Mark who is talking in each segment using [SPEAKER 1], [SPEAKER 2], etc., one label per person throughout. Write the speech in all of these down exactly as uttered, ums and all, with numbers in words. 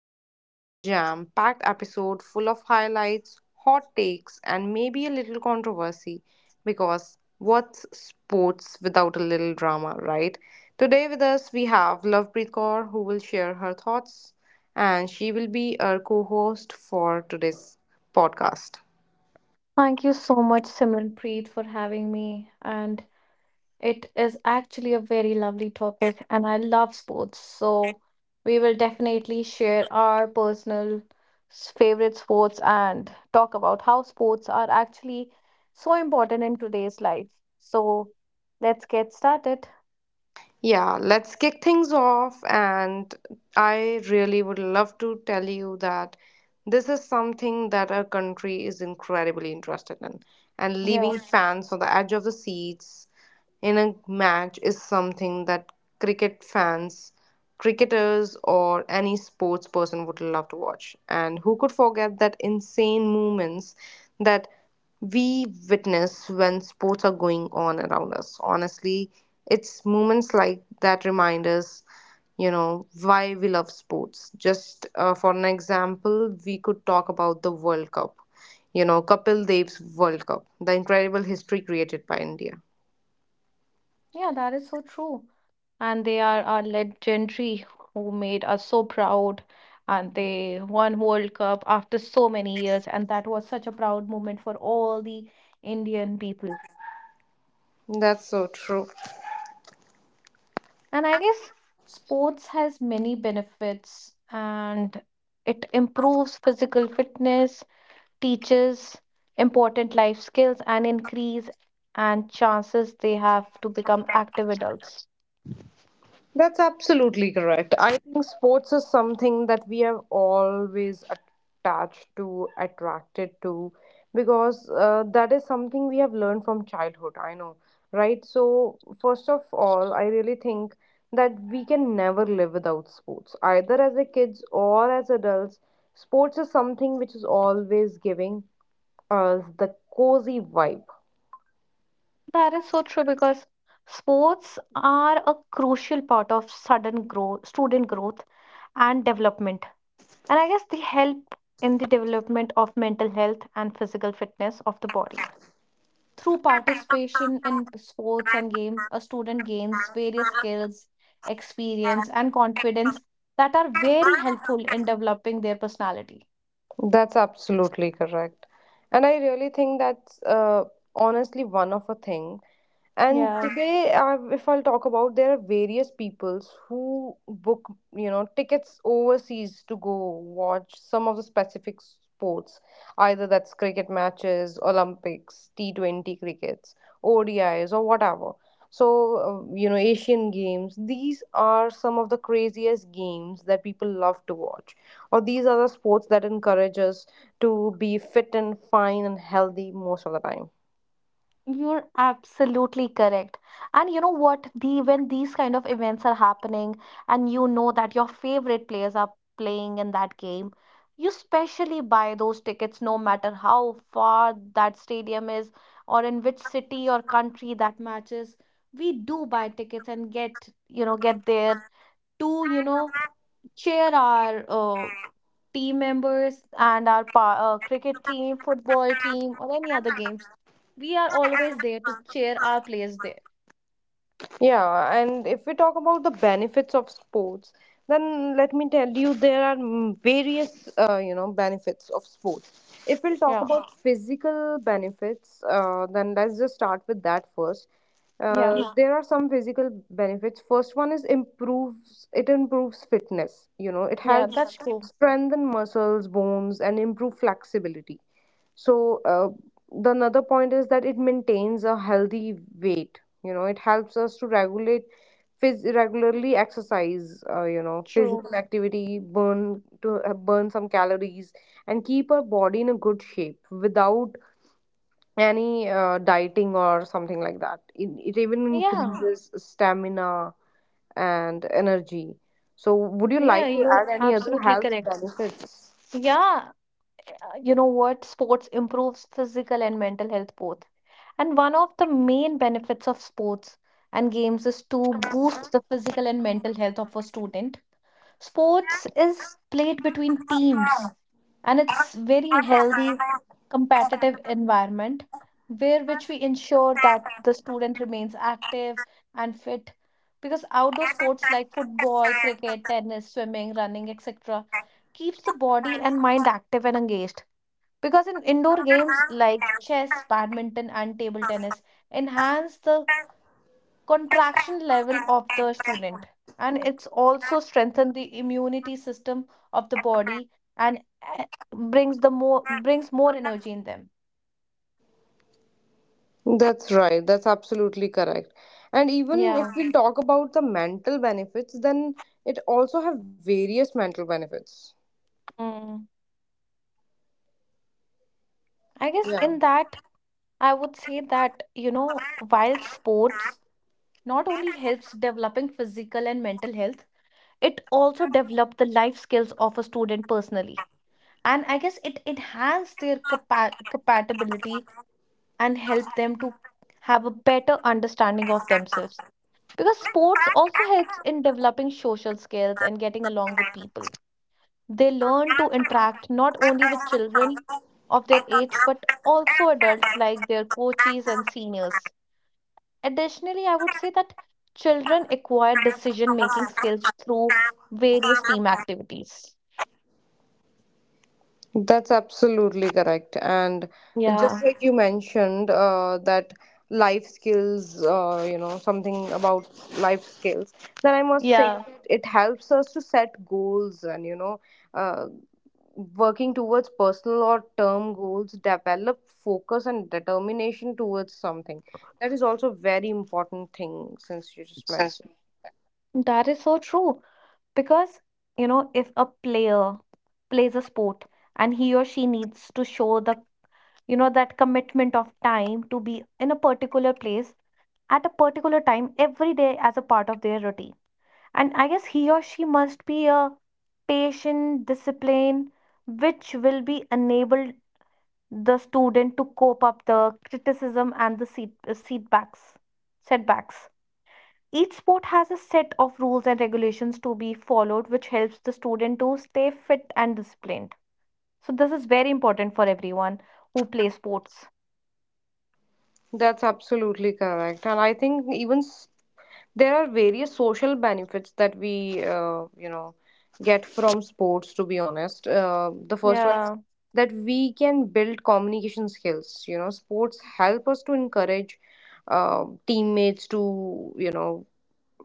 [SPEAKER 1] we have got a jam packed episode full of highlights, hot takes, and maybe a little controversy because what's sports without a little drama, right? Today with us we have Lovepreet Kaur who will share her thoughts, and she will be our co host for today's podcast.
[SPEAKER 2] Thank you so much, Simranpreet, for having me. And it is actually a very lovely topic, and I love sports. So we will definitely share our personal s- favorite sports and talk about how sports are actually so important in today's life. So let's get started.
[SPEAKER 1] Yeah, let's kick things off. And I really would love to tell you that this is something that our country is incredibly interested in. And
[SPEAKER 2] Yeah,
[SPEAKER 1] leaving fans on the edge of the seats in a match is something that cricket fans cricketers or any sports person would love to watch. And who could forget that insane movements that we witness when sports are going on around us? Honestly, it's moments like that remind us, you know, why we love sports. Just uh, for an example, we could talk about the World Cup. You know, Kapil Dev's World Cup, the incredible history created by India.
[SPEAKER 2] yeah, that is so true. And they are our legendary who made us so proud, and they won world cup after so many years, and that was such a proud moment for all the Indian people.
[SPEAKER 1] That's so true.
[SPEAKER 2] And I guess sports has many benefits, and it improves physical fitness, teaches important life skills and increase and chances they have to become active adults.
[SPEAKER 1] That's absolutely correct. I think sports is something that we have always attached to, attracted to, because uh, that is something we have learned from childhood. I know, right? So, first of all, I really think that we can never live without sports, either as a kids or as adults. Sports is something which is always giving us the cozy vibe.
[SPEAKER 2] That is so true because sports are a crucial part of sudden growth, student growth and development. And I guess they help in the development of mental health and physical fitness of the body. Through participation in sports and game, a student gains various skills, experience, and confidence that are very helpful in developing their personality.
[SPEAKER 1] That's absolutely correct. And I really think that's uh, honestly one of a thing, and
[SPEAKER 2] Yeah.
[SPEAKER 1] today, uh, if I'll talk about, there are various peoples who book, you know, tickets overseas to go watch some of the specific sports, either that's cricket matches, Olympics, T twenty crickets, O D Is, or whatever. So, uh, you know, Asian games, these are some of the craziest games that people love to watch. Or these are the sports that encourage us to be fit and fine and healthy most of the time.
[SPEAKER 2] You're absolutely correct. And you know what? The When these kind of events are happening and you know that your favorite players are playing in that game, you specially buy those tickets no matter how far that stadium is or in which city or country that matches. We do buy tickets and get, you know, get there to, you know, cheer our uh, team members and our pa- uh, cricket team, football team, or any other games. We are always there to cheer our players there.
[SPEAKER 1] Yeah, and if we talk about the benefits of sports, then let me tell you there are mm, various uh, you know benefits of sports. If we'll talk
[SPEAKER 2] Yeah,
[SPEAKER 1] about, yeah, physical benefits, uh, then let's just start with that first. Uh,
[SPEAKER 2] yeah,
[SPEAKER 1] Yeah. There are some physical benefits. First one is improves it improves fitness. You know, it
[SPEAKER 2] yeah,
[SPEAKER 1] helps, yeah,
[SPEAKER 2] that's true.
[SPEAKER 1] that's- strengthen muscles, bones, and improve flexibility. So uh, the another point is that it maintains a healthy weight. You know it helps us to regulate phys- regularly exercise, uh, you know
[SPEAKER 2] True.
[SPEAKER 1] physical activity burn to uh, burn some calories and keep our body in a good shape without any uh, dieting or something like that. It, it even
[SPEAKER 2] Yeah,
[SPEAKER 1] increases stamina and energy. So would you
[SPEAKER 2] yeah,
[SPEAKER 1] like to
[SPEAKER 2] you're
[SPEAKER 1] add any other
[SPEAKER 2] absolutely
[SPEAKER 1] health
[SPEAKER 2] correct.
[SPEAKER 1] benefits?
[SPEAKER 2] Yeah, uh, you know what? Sports improves physical and mental health both. And one of the main benefits of sports and games is to boost the physical and mental health of a student. Sports is played between teams, and it's very healthy competitive environment where which we ensure that the student remains active and fit, because outdoor sports like football, cricket, tennis, swimming, running, etc keeps the body and mind active and engaged, because in indoor games like chess, badminton, and table tennis enhance the contraction level of the student, and it's also strengthen the immunity system of the body and eh, brings the more brings more energy in them.
[SPEAKER 1] That's right. That's absolutely correct. And even if
[SPEAKER 2] Yeah.
[SPEAKER 1] we talk about the mental benefits, then it also have various mental benefits.
[SPEAKER 2] Mm. I guess
[SPEAKER 1] Yeah.
[SPEAKER 2] in that, I would say that, you know, while sports not only helps developing physical and mental health, it also develop the life skills of a student personally. And I guess it enhance their capa- compatibility and help them to have a better understanding of themselves. Because sports also helps in developing social skills and getting along with people. They learn to interact not only with children of their age but also adults like their coaches and seniors. Additionally, I would say that children acquire decision making skills through various team activities.
[SPEAKER 1] That's absolutely correct. And
[SPEAKER 2] Yeah,
[SPEAKER 1] just like you mentioned, uh, that life skills, uh, you know, something about life skills, then I must say
[SPEAKER 2] yeah,
[SPEAKER 1] that it helps us to set goals and, you know, uh, working towards personal or term goals, develop focus and determination towards something. That is also very important thing since you just mentioned.
[SPEAKER 2] that is so true. Because, you know, if a player plays a sport and he or she needs to show the, you know, that commitment of time to be in a particular place at a particular time every day as a part of their routine. And I guess he or she must be a patient discipline, which will be enabled the student to cope up the criticism and the seat, setbacks. Setbacks. Each sport has a set of rules and regulations to be followed, which helps the student to stay fit and disciplined. So, this is very important for everyone who plays sports.
[SPEAKER 1] That's absolutely correct. And I think even s- there are various social benefits that we uh, you know get from sports to be honest. Uh, the first one is
[SPEAKER 2] Yeah,
[SPEAKER 1] that we can build communication skills. You know sports help us to encourage uh, teammates to, you know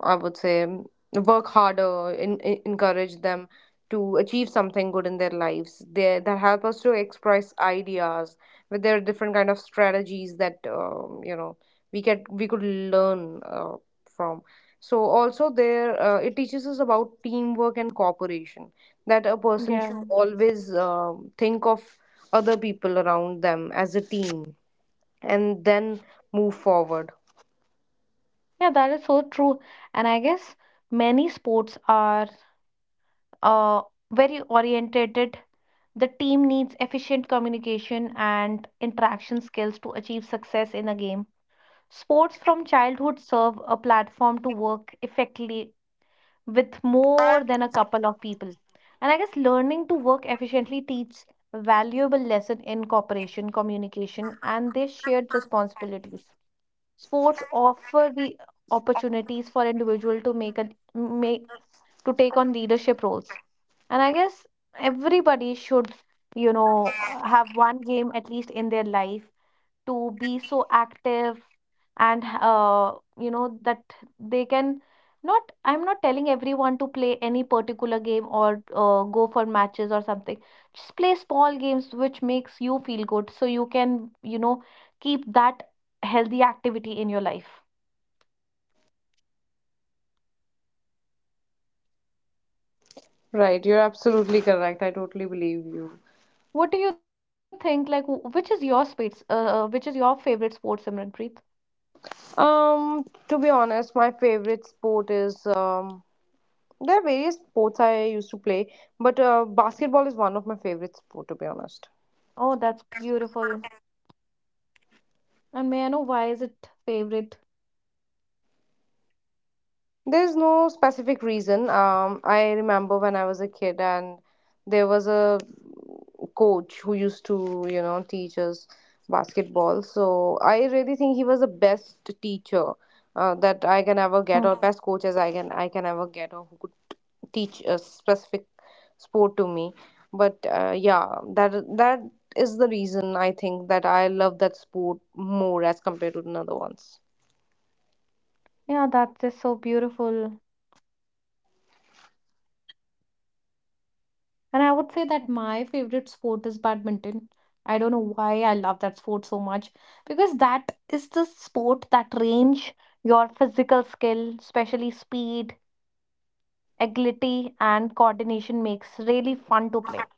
[SPEAKER 1] I would say, work harder, in, in- encourage them to achieve something good in their lives. They that help us to express ideas. But there are different kind of strategies that um, you know we get we could learn uh, from. So also there uh, it teaches us about teamwork and cooperation. That a person should
[SPEAKER 2] yeah,
[SPEAKER 1] always um think of other people around them as a team and then move forward.
[SPEAKER 2] yeah, that is so true. And I guess many sports are uh, very orientated. The team needs efficient communication and interaction skills to achieve success in a game. Sports from childhood serve a platform to work effectively with more than a couple of people. And I guess learning to work efficiently teaches valuable lesson in cooperation, communication, and their shared responsibilities. Sports offer the opportunities for individual to make a make to take on leadership roles. And I guess everybody should, you know, uh, have one game at least in their life, to be so active and uh, you know that they can, not I'm not telling everyone to play any particular game or uh, go for matches or something, just play small games which makes you feel good so you can, you know, keep that healthy activity in your life.
[SPEAKER 1] Right, you're absolutely correct. I totally believe you.
[SPEAKER 2] What do you think, like, wh- which is your space uh, uh, which is your favorite sport, Simranpreet?
[SPEAKER 1] Um, to be honest, my favorite sport is um, there are various sports I used to play, but uh, basketball is one of my favorite sport to be honest.
[SPEAKER 2] Oh, that's beautiful. And may I know why is it favorite?
[SPEAKER 1] There's no specific reason. Um, I remember when I was a kid, and there was a coach who used to, you know, teach us basketball. So I really think he was the best teacher uh, that I can
[SPEAKER 2] Mm.
[SPEAKER 1] ever get, or best coach as I can I can ever get, or who could teach a specific sport to me. But uh, yeah, that that is the reason I think that I love that sport more as compared to another ones.
[SPEAKER 2] Yeah, that's just so beautiful. And I would say that my favorite sport is badminton. I don't know why I love that sport so much, because that is the sport that range your physical skill, especially speed, agility, and coordination, makes really fun to play.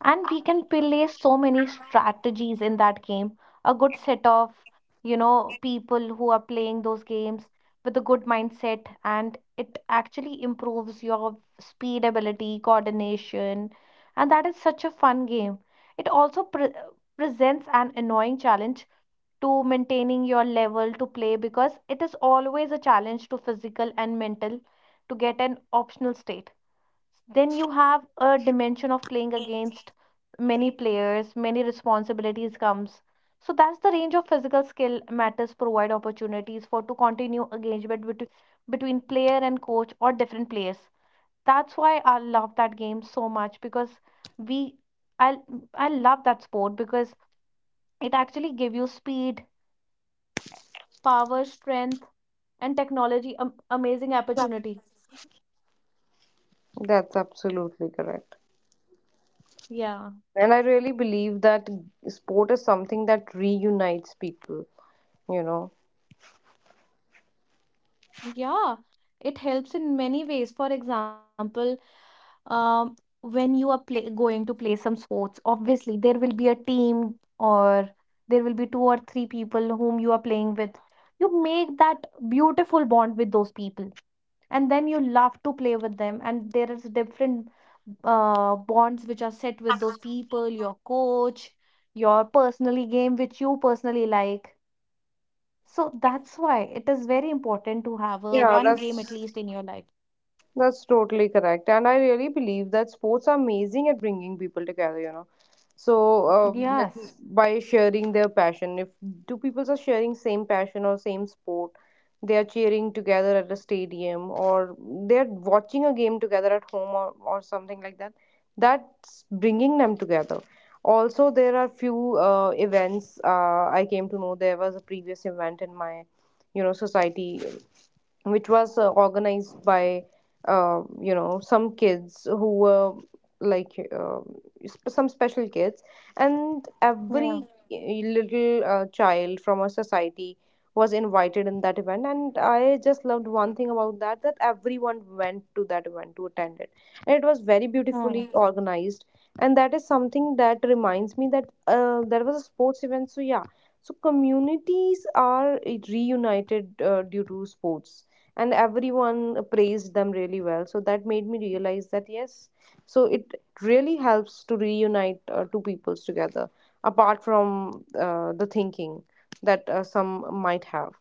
[SPEAKER 2] And we can play so many strategies in that game. A good set of, you know, people who are playing those games with a good mindset, and it actually improves your speed, ability, coordination. And that is such a fun game. It also pre- presents an annoying challenge to maintaining your level to play, because it is always a challenge to physical and mental to get an optional state. Then you have a dimension of playing against many players, many responsibilities comes. So that's the range of physical skill matters, provide opportunities for to continue engagement between between player and coach or different players. That's why I love that game so much, because we i i love that sport because it actually give you speed, power, strength, and technology, um, amazing opportunity.
[SPEAKER 1] That's absolutely correct.
[SPEAKER 2] Yeah.
[SPEAKER 1] And I really believe that sport is something that reunites people, you know.
[SPEAKER 2] Yeah, it helps in many ways. For example, um, when you are play going to play some sports, obviously there will be a team, or there will be two or three people whom you are playing with. You make that beautiful bond with those people, and then you love to play with them. And there is different uh, bonds which are set with those people, your coach, your personally game which you personally like. So that's why it is very important to have a
[SPEAKER 1] Yeah,
[SPEAKER 2] one game at
[SPEAKER 1] that's
[SPEAKER 2] least in your life.
[SPEAKER 1] that's totally correct. And I really believe that sports are amazing at bringing people together, you know. So, uh, let
[SPEAKER 2] Yes.
[SPEAKER 1] by sharing their passion, if two people are sharing same passion or same sport, they are cheering together at a stadium or they're watching a game together at home or, or something like that, that's bringing them together. Also, there are few uh, events. Uh, I came to know there was a previous event in my, you know, society which was uh, organized by uh, you know some kids who were like uh, sp- some special kids and
[SPEAKER 2] Yeah.
[SPEAKER 1] every eh, little uh, child from our society was invited in that event, and I just loved one thing about that, that everyone went to that event to attend it, and it was very
[SPEAKER 2] Hmm.
[SPEAKER 1] beautifully organized. And that is something that reminds me that, uh, there was a sports event. So yeah, so communities are reunited uh, due to sports, and everyone praised them really well, so that made me realize that yes, so it really helps to reunite uh, two peoples together apart from uh, the thinking that uh, some might have.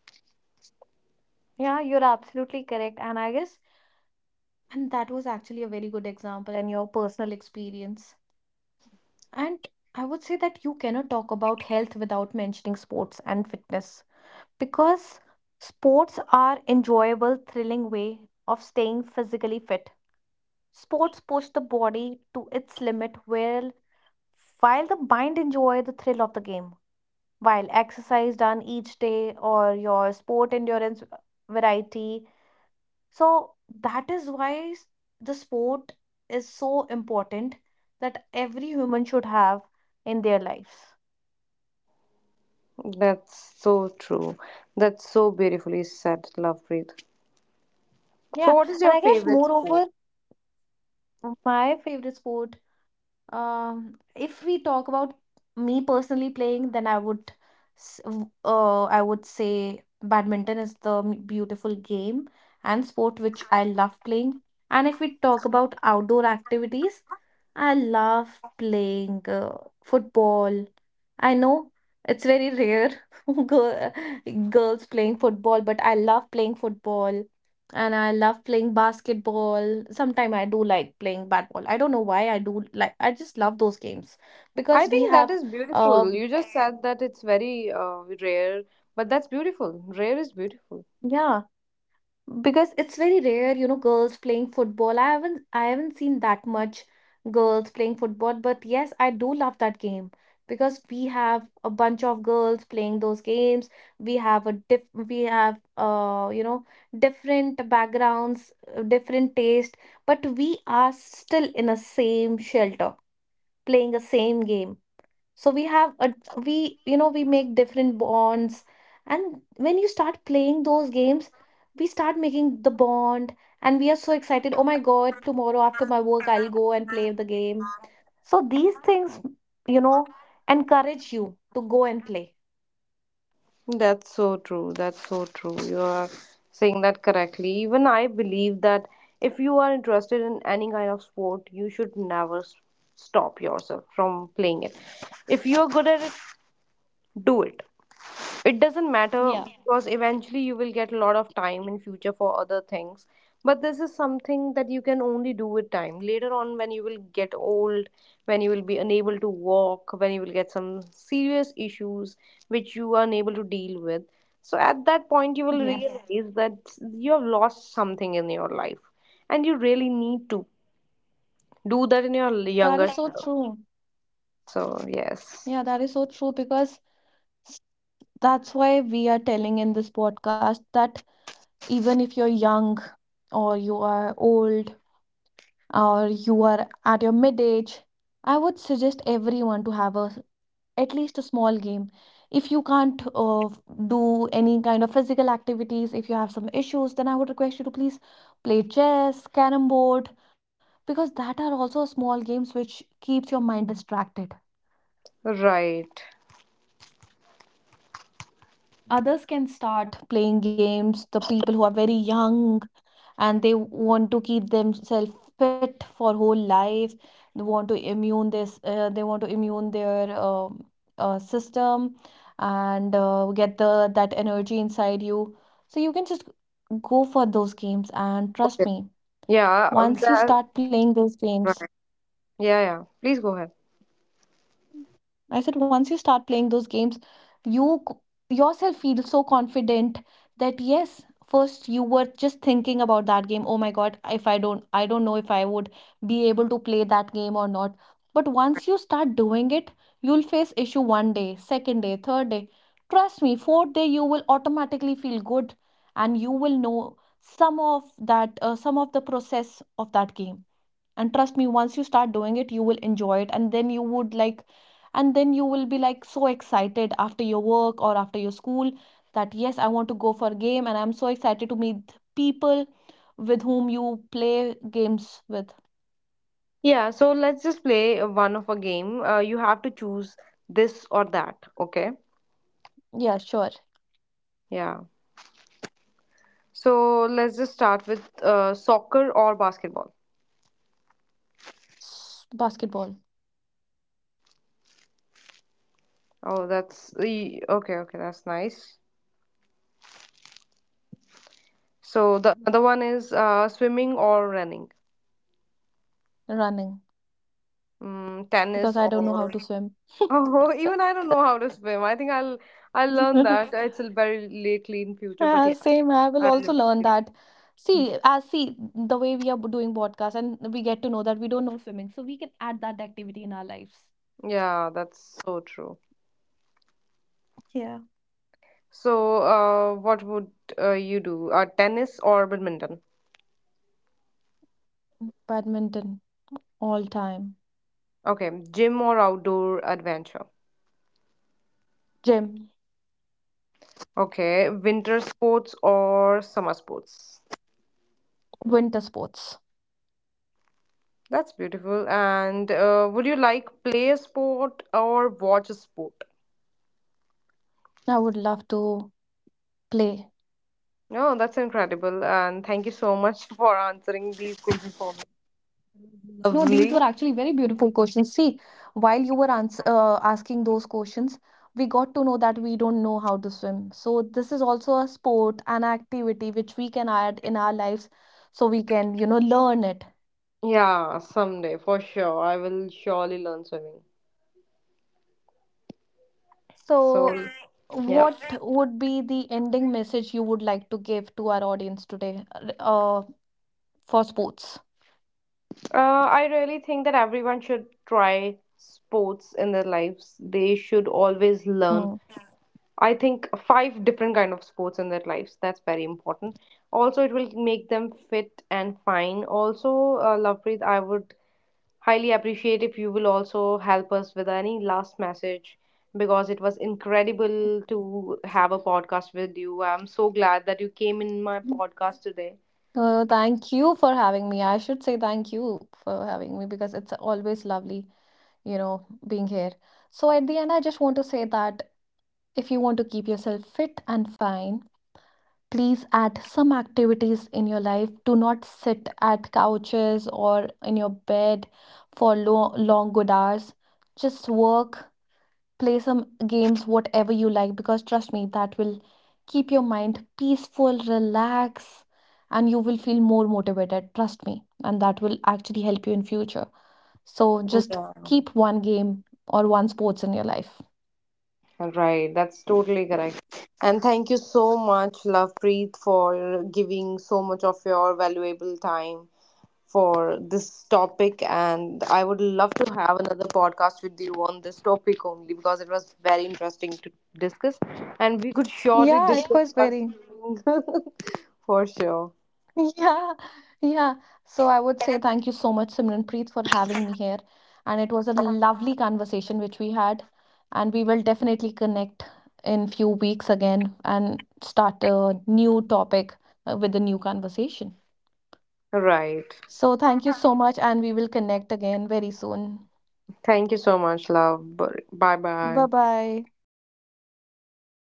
[SPEAKER 2] Yeah, you're absolutely correct. And I guess, and that was actually a very good example and your personal experience. And I would say that you cannot talk about health without mentioning sports and fitness, because sports are enjoyable, thrilling way of staying physically fit. Sports push the body to its limit where while the mind enjoy the thrill of the game. While exercise done each day or your sport endurance variety. So that is why s- the sport is so important that every human should have in their lives.
[SPEAKER 1] That's so true. That's so beautifully said, Lovepreet. So
[SPEAKER 2] Yeah,
[SPEAKER 1] what is
[SPEAKER 2] and
[SPEAKER 1] your
[SPEAKER 2] I guess
[SPEAKER 1] favorite sport?
[SPEAKER 2] moreover, my favorite sport, Um, if we talk about me personally playing, then I would, s- w- uh, I would say badminton is the m- beautiful game and sport which I love playing. And if we talk about outdoor activities, I love playing uh, football. I know it's very rare girl, girls playing football, but I love playing football, and I love playing basketball. Sometimes I do like playing bat ball. I don't know why I do like, I just love those games
[SPEAKER 1] I
[SPEAKER 2] because we
[SPEAKER 1] think that
[SPEAKER 2] have.
[SPEAKER 1] is
[SPEAKER 2] uh
[SPEAKER 1] beautiful. You just said that it's very uh, rare, but that's beautiful. Rare is beautiful.
[SPEAKER 2] yeah, because it's very rare, you know, girls playing football. i haven't I haven't seen that much girls playing football, but yes, I do love that game. Because we have a bunch of girls playing those games, we have a diff we have, uh you know, different backgrounds, uh, different taste, but we are still in a same shelter playing a same game. So we have a, we, you know, we make different bonds. And when you start playing those games, we start making the bond, and we are so excited, oh my god, tomorrow after my work I'll go and play the game. So these things, you know, encourage you to go and play.
[SPEAKER 1] That's so true. That's so true. You are saying that correctly. Even I believe that if you are interested in any kind of sport, you should never s- stop yourself from playing it. If you are good at it, do it. It doesn't matter
[SPEAKER 2] Yeah,
[SPEAKER 1] because eventually you will get a lot of time in future for other things, but this is something that you can only do with time later on when you will get old, when you will be unable to walk, when you will get some serious issues which you are unable to deal with. So at that point you will
[SPEAKER 2] yes.
[SPEAKER 1] realize that you have lost something in your life and you really need to do that in your
[SPEAKER 2] That
[SPEAKER 1] younger
[SPEAKER 2] is so
[SPEAKER 1] self.
[SPEAKER 2] true.
[SPEAKER 1] So yes.
[SPEAKER 2] Yeah, that is so true because, s- that's why we are telling in this podcast that even if you're young, or you are old, or you are at your mid age, I would suggest everyone to have a s- at least a small game. If you can't uh, do any kind of physical activities, if you have some issues, then I would request you to please play chess, carom board, because that are also small games which keeps your mind distracted.
[SPEAKER 1] Right.
[SPEAKER 2] Others can start playing games. The people who are very young, and they want to keep themselves fit for whole life, they want to immune this uh, they want to immune their uh, uh, system and uh, get the that energy inside you, so you can just go for those games, and trust me,
[SPEAKER 1] yeah um,
[SPEAKER 2] once you
[SPEAKER 1] that,
[SPEAKER 2] start playing those games,
[SPEAKER 1] yeah, yeah please go ahead.
[SPEAKER 2] I said once you start playing those games, you c- yourself feel so confident that yes, first you were just thinking about that game. Oh my God, if I don't, I don't know if I would be able to play that game or not. But once you start doing it, you'll face issue one day, second day, third day. Trust me, fourth day you will automatically feel good, and you will know some of that, uh, some of the process of that game. And trust me, once you start doing it, you will enjoy it, and then you would like, and then you will be like so excited after your work or after your school, that yes, I want to go for a game, and I'm so excited to meet people with whom you play games with.
[SPEAKER 1] Yeah, so let's just play one of a game. Uh, you have to choose this or that, okay?
[SPEAKER 2] Yeah, sure.
[SPEAKER 1] Yeah. So let's just start with uh, soccer or basketball.
[SPEAKER 2] S- basketball.
[SPEAKER 1] Oh, that's e- okay, okay, that's nice. So the another one is uh, swimming or running.
[SPEAKER 2] Running,
[SPEAKER 1] Mm,
[SPEAKER 2] because
[SPEAKER 1] tennis
[SPEAKER 2] I don't know how
[SPEAKER 1] or
[SPEAKER 2] to swim.
[SPEAKER 1] oh, even I don't know how to swim. I think I'll I'll learn that. It's very lately in future, but
[SPEAKER 2] Yeah,
[SPEAKER 1] yeah,
[SPEAKER 2] same. I will
[SPEAKER 1] I've
[SPEAKER 2] also
[SPEAKER 1] never.
[SPEAKER 2] learn that. See, as see the way we are doing podcast, and we get to know that we don't know swimming, so we can add that activity in our lives.
[SPEAKER 1] Yeah, that's so true.
[SPEAKER 2] Yeah.
[SPEAKER 1] So, uh, what would uh, you do? Uh, tennis or badminton?
[SPEAKER 2] Badminton, all time.
[SPEAKER 1] Okay, gym or outdoor adventure?
[SPEAKER 2] Gym.
[SPEAKER 1] Okay, winter sports or summer sports?
[SPEAKER 2] Winter sports.
[SPEAKER 1] That's beautiful. And uh, would you like play a sport or watch a sport?
[SPEAKER 2] I would love to play.
[SPEAKER 1] No, that's incredible. And thank you so much for answering these questions for me.
[SPEAKER 2] No, these
[SPEAKER 1] Lovely.
[SPEAKER 2] were actually very beautiful questions. See, while you were ans uh, asking those questions, we got to know that we don't know how to swim. So this is also a sport, an activity which we can add in our lives so we can, you know, learn it.
[SPEAKER 1] Yeah, someday for sure. I will surely learn swimming.
[SPEAKER 2] So
[SPEAKER 1] So, yeah.
[SPEAKER 2] what would be the ending message you would like to give to our audience today, uh, for sports?
[SPEAKER 1] Uh, I really think that everyone should try sports in their lives. They should always learn.
[SPEAKER 2] Hmm.
[SPEAKER 1] I think five different kind of sports in their lives. That's very important. Also, it will make them fit and fine. Also, uh, Lovepreet, I would highly appreciate if you will also help us with any last message because it was incredible to have a podcast with you. I'm so glad that you came in my podcast today.
[SPEAKER 2] Uh, thank you for having me. I should say thank you for having me because it's always lovely, you know, being here. So, at the end, I just want to say that if you want to keep yourself fit and fine, please add some activities in your life. Do not sit at couches or in your bed for lo long, good hours. Just work, play some games whatever you like, because trust me that will keep your mind peaceful, relax, and you will feel more motivated, trust me, and that will actually help you in future. So just
[SPEAKER 1] Yeah.
[SPEAKER 2] keep one game or one sports in your life.
[SPEAKER 1] Right, that's totally correct. And thank you so much, Love Preet, for giving so much of your valuable time for this topic. And I would love to have another podcast with you on this topic only because it was very interesting to discuss. And we could surely
[SPEAKER 2] Yeah, it
[SPEAKER 1] discuss
[SPEAKER 2] was
[SPEAKER 1] us
[SPEAKER 2] very.
[SPEAKER 1] for sure.
[SPEAKER 2] Yeah, yeah. So I would say thank you so much, Simranpreet, for having me here. And it was a lovely conversation which we had. And we will definitely connect in few weeks again and start a new topic uh, with a new conversation.
[SPEAKER 1] Right.
[SPEAKER 2] So thank you so much, and we will connect again very soon.
[SPEAKER 1] Thank you so much, Love. Bye
[SPEAKER 2] Bye
[SPEAKER 1] bye.
[SPEAKER 2] bye.